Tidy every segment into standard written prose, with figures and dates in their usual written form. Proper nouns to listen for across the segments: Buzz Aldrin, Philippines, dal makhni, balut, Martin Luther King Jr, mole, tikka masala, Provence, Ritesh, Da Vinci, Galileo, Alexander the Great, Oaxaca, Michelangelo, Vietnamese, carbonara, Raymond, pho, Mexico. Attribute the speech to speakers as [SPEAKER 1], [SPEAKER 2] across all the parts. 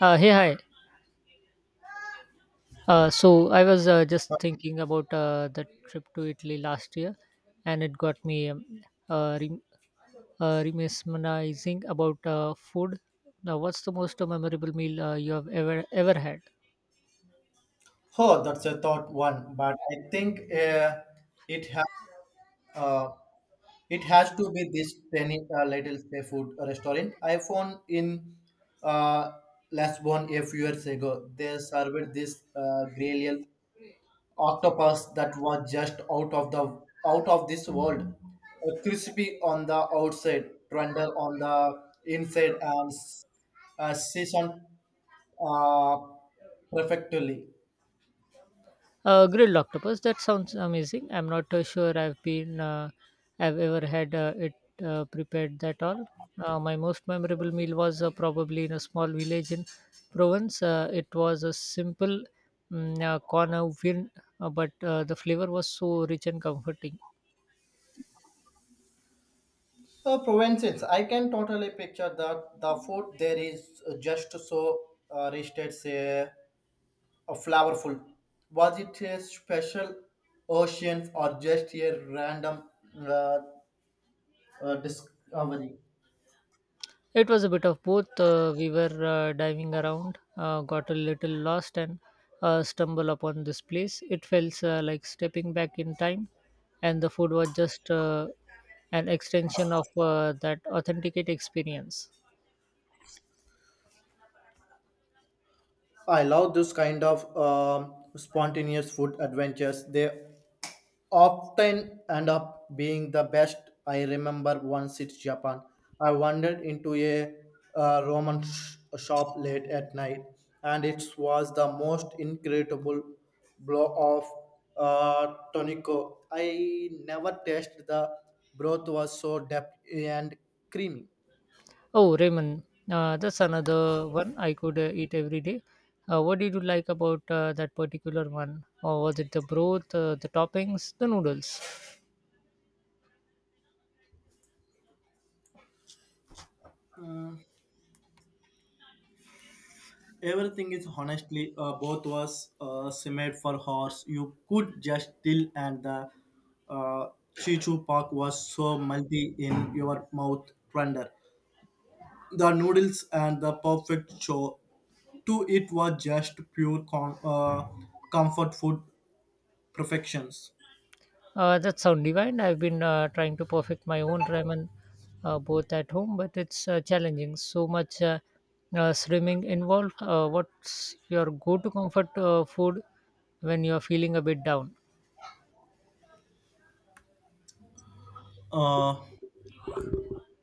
[SPEAKER 1] Hi. So I was just thinking about the trip to Italy last year, and it got me uh, rem- mesmerizing about food. Now, what's the most memorable meal you have ever had?
[SPEAKER 2] Oh, that's a thought one, but I think it has uh, it has to be this tiny little seafood restaurant I found in uh, Lisbon a few years ago. They served this grilled octopus that was just out of this world. Crispy on the outside, tender on the inside, and seasoned uh, perfectly.
[SPEAKER 1] Grilled octopus. That sounds amazing. I'm not sure I've ever had it prepared that all. My most memorable meal was probably in a small village in Provence. It was a simple corn au vin, but the flavor was so rich and comforting.
[SPEAKER 2] Provences, I can totally picture that. The food there is just so rich, a flavorful. Was it a special ocean or just a random uh, discovery?
[SPEAKER 1] It was a bit of both. We were diving around, got a little lost, and stumbled upon this place. It felt like stepping back in time, and the food was just an extension of that authenticate experience.
[SPEAKER 2] I love this kind of spontaneous food adventures. They often end up being the best. I remember once it's Japan. I wandered into a Roman shop late at night, and it was the most incredible blow of tonico. I never tasted. The broth was so deep and creamy.
[SPEAKER 1] Oh, Raymond, that's another one I could eat every day. What did you like about that particular one? Or was it the broth, the toppings, the noodles?
[SPEAKER 2] Everything is honestly both was simmered for horse. You could just till, and the uh, Chichu Park was so multi in your mouth tender. The noodles and the perfect show. To it was just pure comfort food perfections.
[SPEAKER 1] That sound divine. I've been trying to perfect my own ramen, both at home, but it's challenging. So much swimming involved. What's your go-to comfort food when you're feeling a bit down?
[SPEAKER 2] Uh,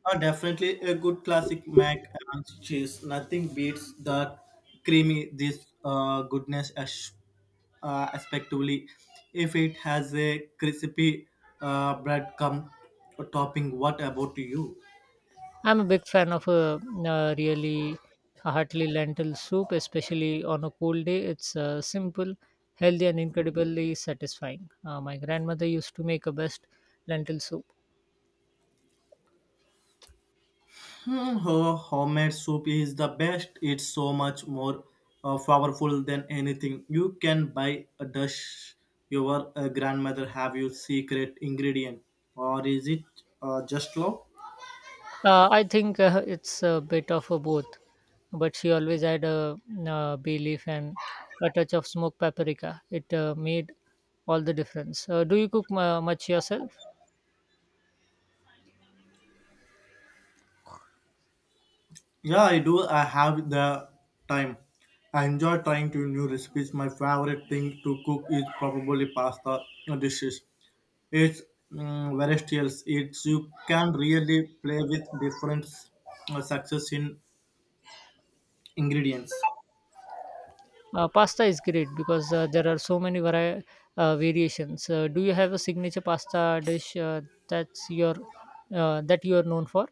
[SPEAKER 2] Definitely a good classic mac and cheese. Nothing beats that creamy, this goodness as, respectively. If it has a crispy bread come topping, what about you?
[SPEAKER 1] I'm a big fan of a really hearty lentil soup, especially on a cold day. It's simple, healthy, and incredibly satisfying. My grandmother used to make a best lentil soup.
[SPEAKER 2] Hmm, her homemade soup is the best. It's so much more powerful than anything you can buy. A dish your grandmother have you secret ingredient, or is it just love?
[SPEAKER 1] I think it's a bit of a both, but she always had a bay leaf and a touch of smoked paprika. It made all the difference. Do you cook much yourself?
[SPEAKER 2] Yeah, I do. I have the time. I enjoy trying to new recipes. My favorite thing to cook is probably pasta dishes. It's versatile. It's you can really play with different success in ingredients.
[SPEAKER 1] Pasta is great because there are so many variations. Do you have a signature pasta dish that's your that you are known for?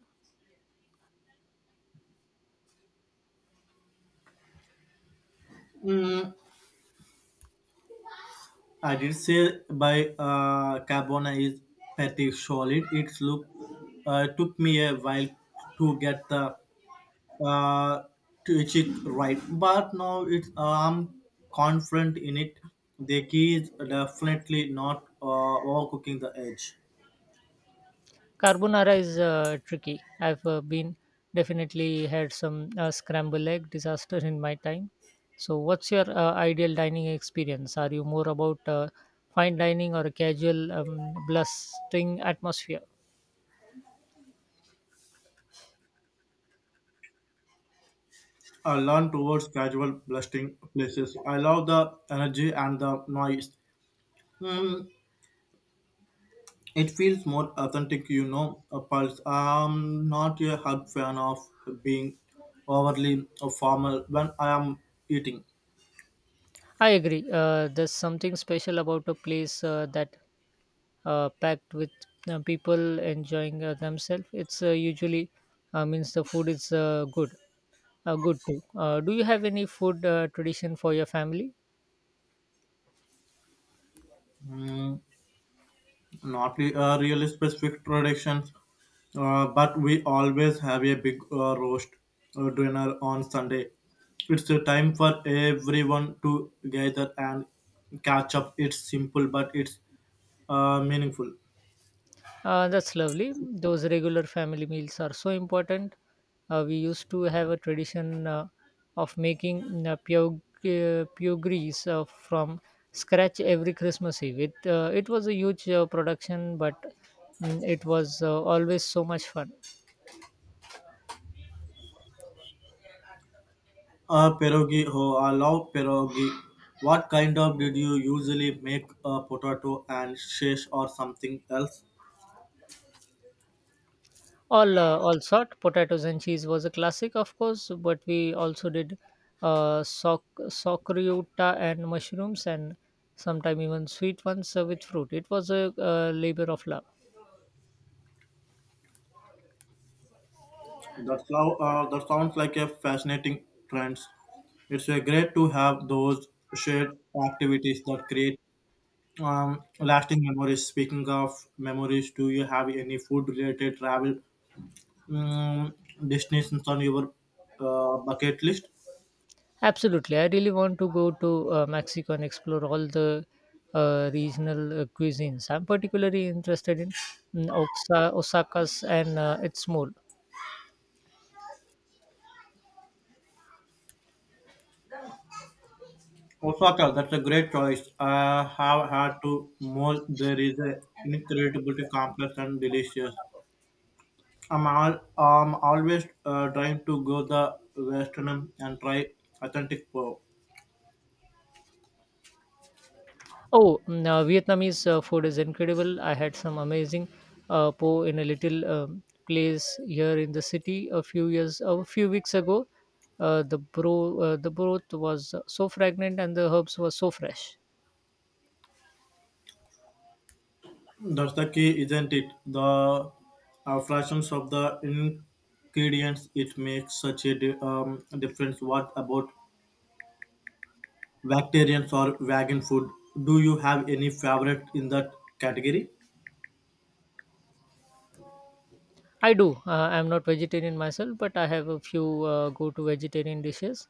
[SPEAKER 2] Mm, I did say by carbona is pretty solid. It's look took me a while to get the uh, to achieve right. But now it's I'm confident in it. The key is definitely not overcooking the edge.
[SPEAKER 1] Carbonara is tricky. I've been definitely had some scramble egg disaster in my time. So, what's your ideal dining experience? Are you more about fine dining or a casual, bustling atmosphere?
[SPEAKER 2] I learn towards casual blasting places. I love the energy and the noise. Mm, it feels more authentic, you know. A pulse. I'm not a hard fan of being overly formal when I am eating.
[SPEAKER 1] I agree. There's something special about a place that packed with people enjoying themselves. It's usually means the food is good too. Do you have any food tradition for your family?
[SPEAKER 2] Mm, not re- really specific traditions, but we always have a big roast dinner on Sunday. It's a time for everyone to gather and catch up. It's simple, but it's meaningful.
[SPEAKER 1] That's lovely. Those regular family meals are so important. We used to have a tradition of making pure grease from scratch every Christmas Eve. It was a huge production, but it was always so much fun.
[SPEAKER 2] Pierogi, oh, I love pierogi. What kind of did you usually make? Potato and shesh or something else?
[SPEAKER 1] All all sort potatoes and cheese was a classic, of course, but we also did socreuta and mushrooms and sometimes even sweet ones with fruit. It was a labor of love.
[SPEAKER 2] That's how, that sounds like a fascinating trend. It's great to have those shared activities that create lasting memories. Speaking of memories, do you have any food related travel um, destinations on your bucket list?
[SPEAKER 1] Absolutely. I really want to go to Mexico and explore all the regional cuisines. I'm particularly interested in Osaka's and its mole.
[SPEAKER 2] Osaka, that's a great choice. I have had to more. There is a incredibly complex and delicious. I'm always trying to go the western and try authentic pho.
[SPEAKER 1] Oh, Vietnamese food is incredible. I had some amazing po in a little place here in the city a few weeks ago. The broth was so fragrant and the herbs were so fresh.
[SPEAKER 2] That's the key, isn't it? The fractions of the ingredients it makes such a difference. What about vegetarians or vegan food? Do you have any favorite in that category?
[SPEAKER 1] I do. I'm not vegetarian myself, but I have a few go-to vegetarian dishes.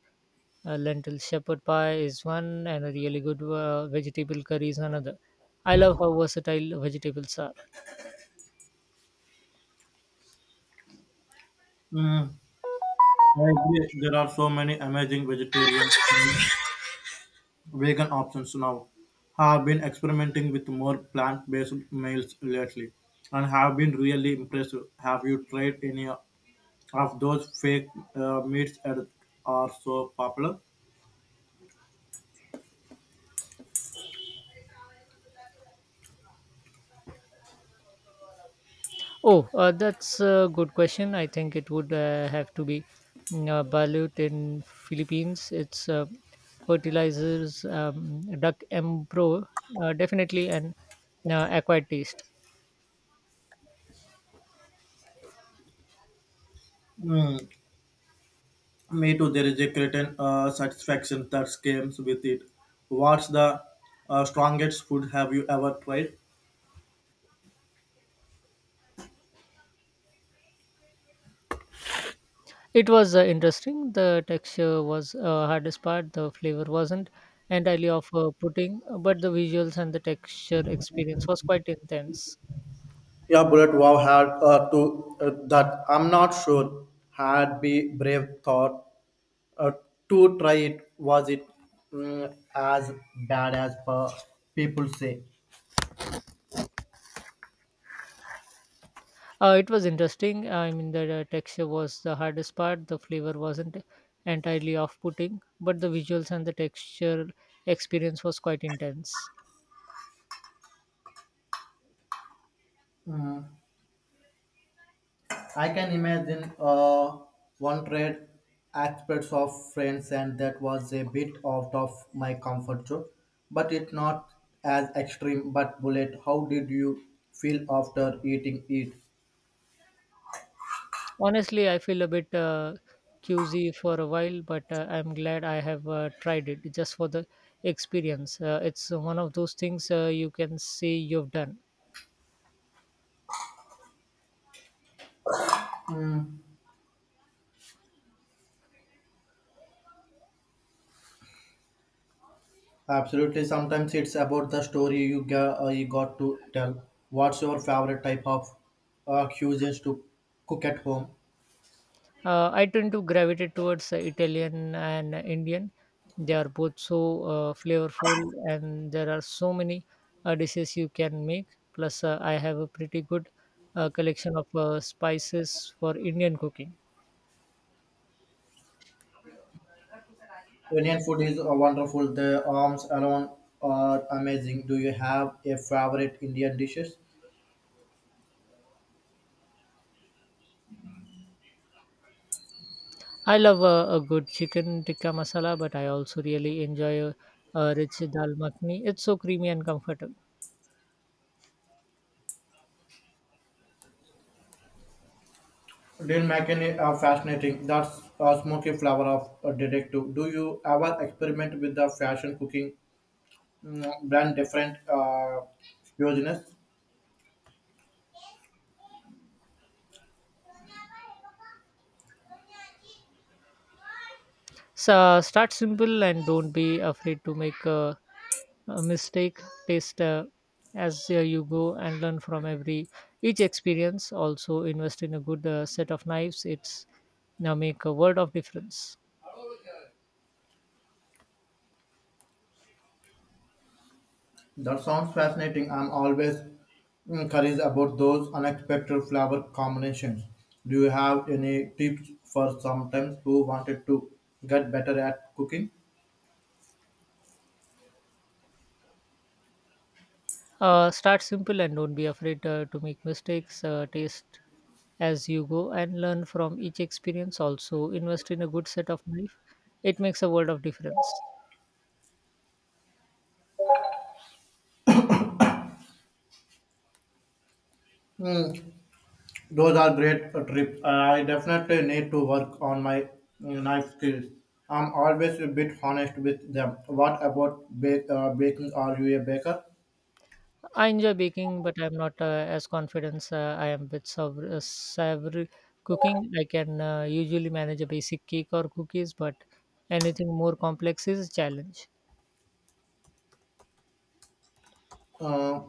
[SPEAKER 1] Lentil shepherd pie is one, and a really good vegetable curry is another. I love how versatile vegetables are.
[SPEAKER 2] Mm, I agree. There are so many amazing vegetarian, vegan options now. Have been experimenting with more plant-based meals lately, and have been really impressed. Have you tried any of those fake meats that are so popular.
[SPEAKER 1] Oh, that's a good question. I think it would have to be balut in Philippines. It's fertilizers, duck embro, definitely an acquired taste.
[SPEAKER 2] Mm, me too, there is a certain satisfaction that comes with it. What's the strongest food have you ever tried?
[SPEAKER 1] It was interesting. The texture was hardest part. The flavor wasn't entirely of pudding, but the visuals and the texture experience was quite intense.
[SPEAKER 2] Yeah, Bullet Wow had to that I'm not sure had be brave thought uh, to try it. Was it as bad as per people say?
[SPEAKER 1] It was interesting. I mean, the texture was the hardest part. The flavor wasn't entirely off putting, but the visuals and the texture experience was quite intense.
[SPEAKER 2] Mm, I can imagine one trade aspects of friends, and that was a bit out of my comfort zone, but it's not as extreme. But bullet, how did you feel after eating it?
[SPEAKER 1] Honestly, I feel a bit queasy for a while, but I'm glad I have tried it just for the experience. It's one of those things you can see you've done.
[SPEAKER 2] Mm, absolutely. Sometimes it's about the story you got to tell. What's your favorite type of cuisines to cook at home?
[SPEAKER 1] I tend to gravitate towards Italian and Indian. They are both so flavorful, and there are so many dishes you can make. Plus, I have a pretty good collection of spices for Indian cooking.
[SPEAKER 2] Indian food is wonderful. The arms alone are amazing. Do you have a favorite Indian dishes?
[SPEAKER 1] I love a good chicken tikka masala, but I also really enjoy a rich dal makhni. It's so creamy and comfortable.
[SPEAKER 2] Dean McKinney are fascinating. That's a smoky flower of a detective. Do you ever experiment with the fashion cooking brand different cuisines?
[SPEAKER 1] So start simple and don't be afraid to make a mistake. Taste as you go and learn from every each experience. Also invest in a good set of knives. It's now make a world of difference.
[SPEAKER 2] That sounds fascinating. I'm always curious about those unexpected flower combinations. Do you have any tips for sometimes who wanted to get better at cooking?
[SPEAKER 1] Start simple and don't be afraid to make mistakes. Taste as you go and learn from each experience. Also, invest in a good set of knife. It makes a world of difference.
[SPEAKER 2] Hmm, those are great trips. I definitely need to work on my knife skills. I'm always a bit honest with them. What about baking? Are you a baker?
[SPEAKER 1] I enjoy baking, but I'm not as confident. I am with savory cooking. I can usually manage a basic cake or cookies, but anything more complex is a challenge.
[SPEAKER 2] Uh,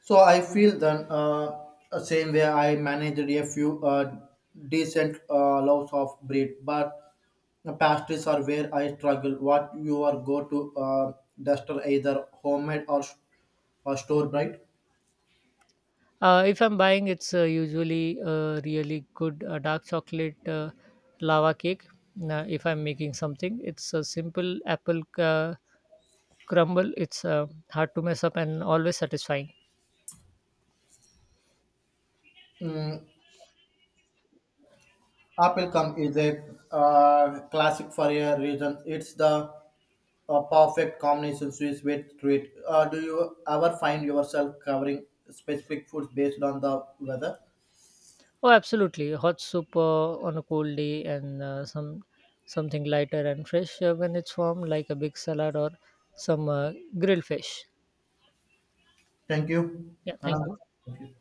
[SPEAKER 2] so I feel then same way. I managed a few decent loaves of bread, but the pastries are where I struggle. What you are go to duster either homemade or store bright?
[SPEAKER 1] If I'm buying, it's usually a really good dark chocolate lava cake. Now, if I'm making something, it's a simple apple crumble. It's hard to mess up and always satisfying.
[SPEAKER 2] Applecom is a classic for a reason. It's the perfect combination Swiss with treat. Do you ever find yourself covering specific foods based on the weather?
[SPEAKER 1] Oh, absolutely! Hot soup on a cold day and something lighter and fresh when it's warm, like a big salad or some grilled fish.
[SPEAKER 2] Thank you.
[SPEAKER 1] Yeah, thank
[SPEAKER 2] Anand.
[SPEAKER 1] you.
[SPEAKER 2] Thank you.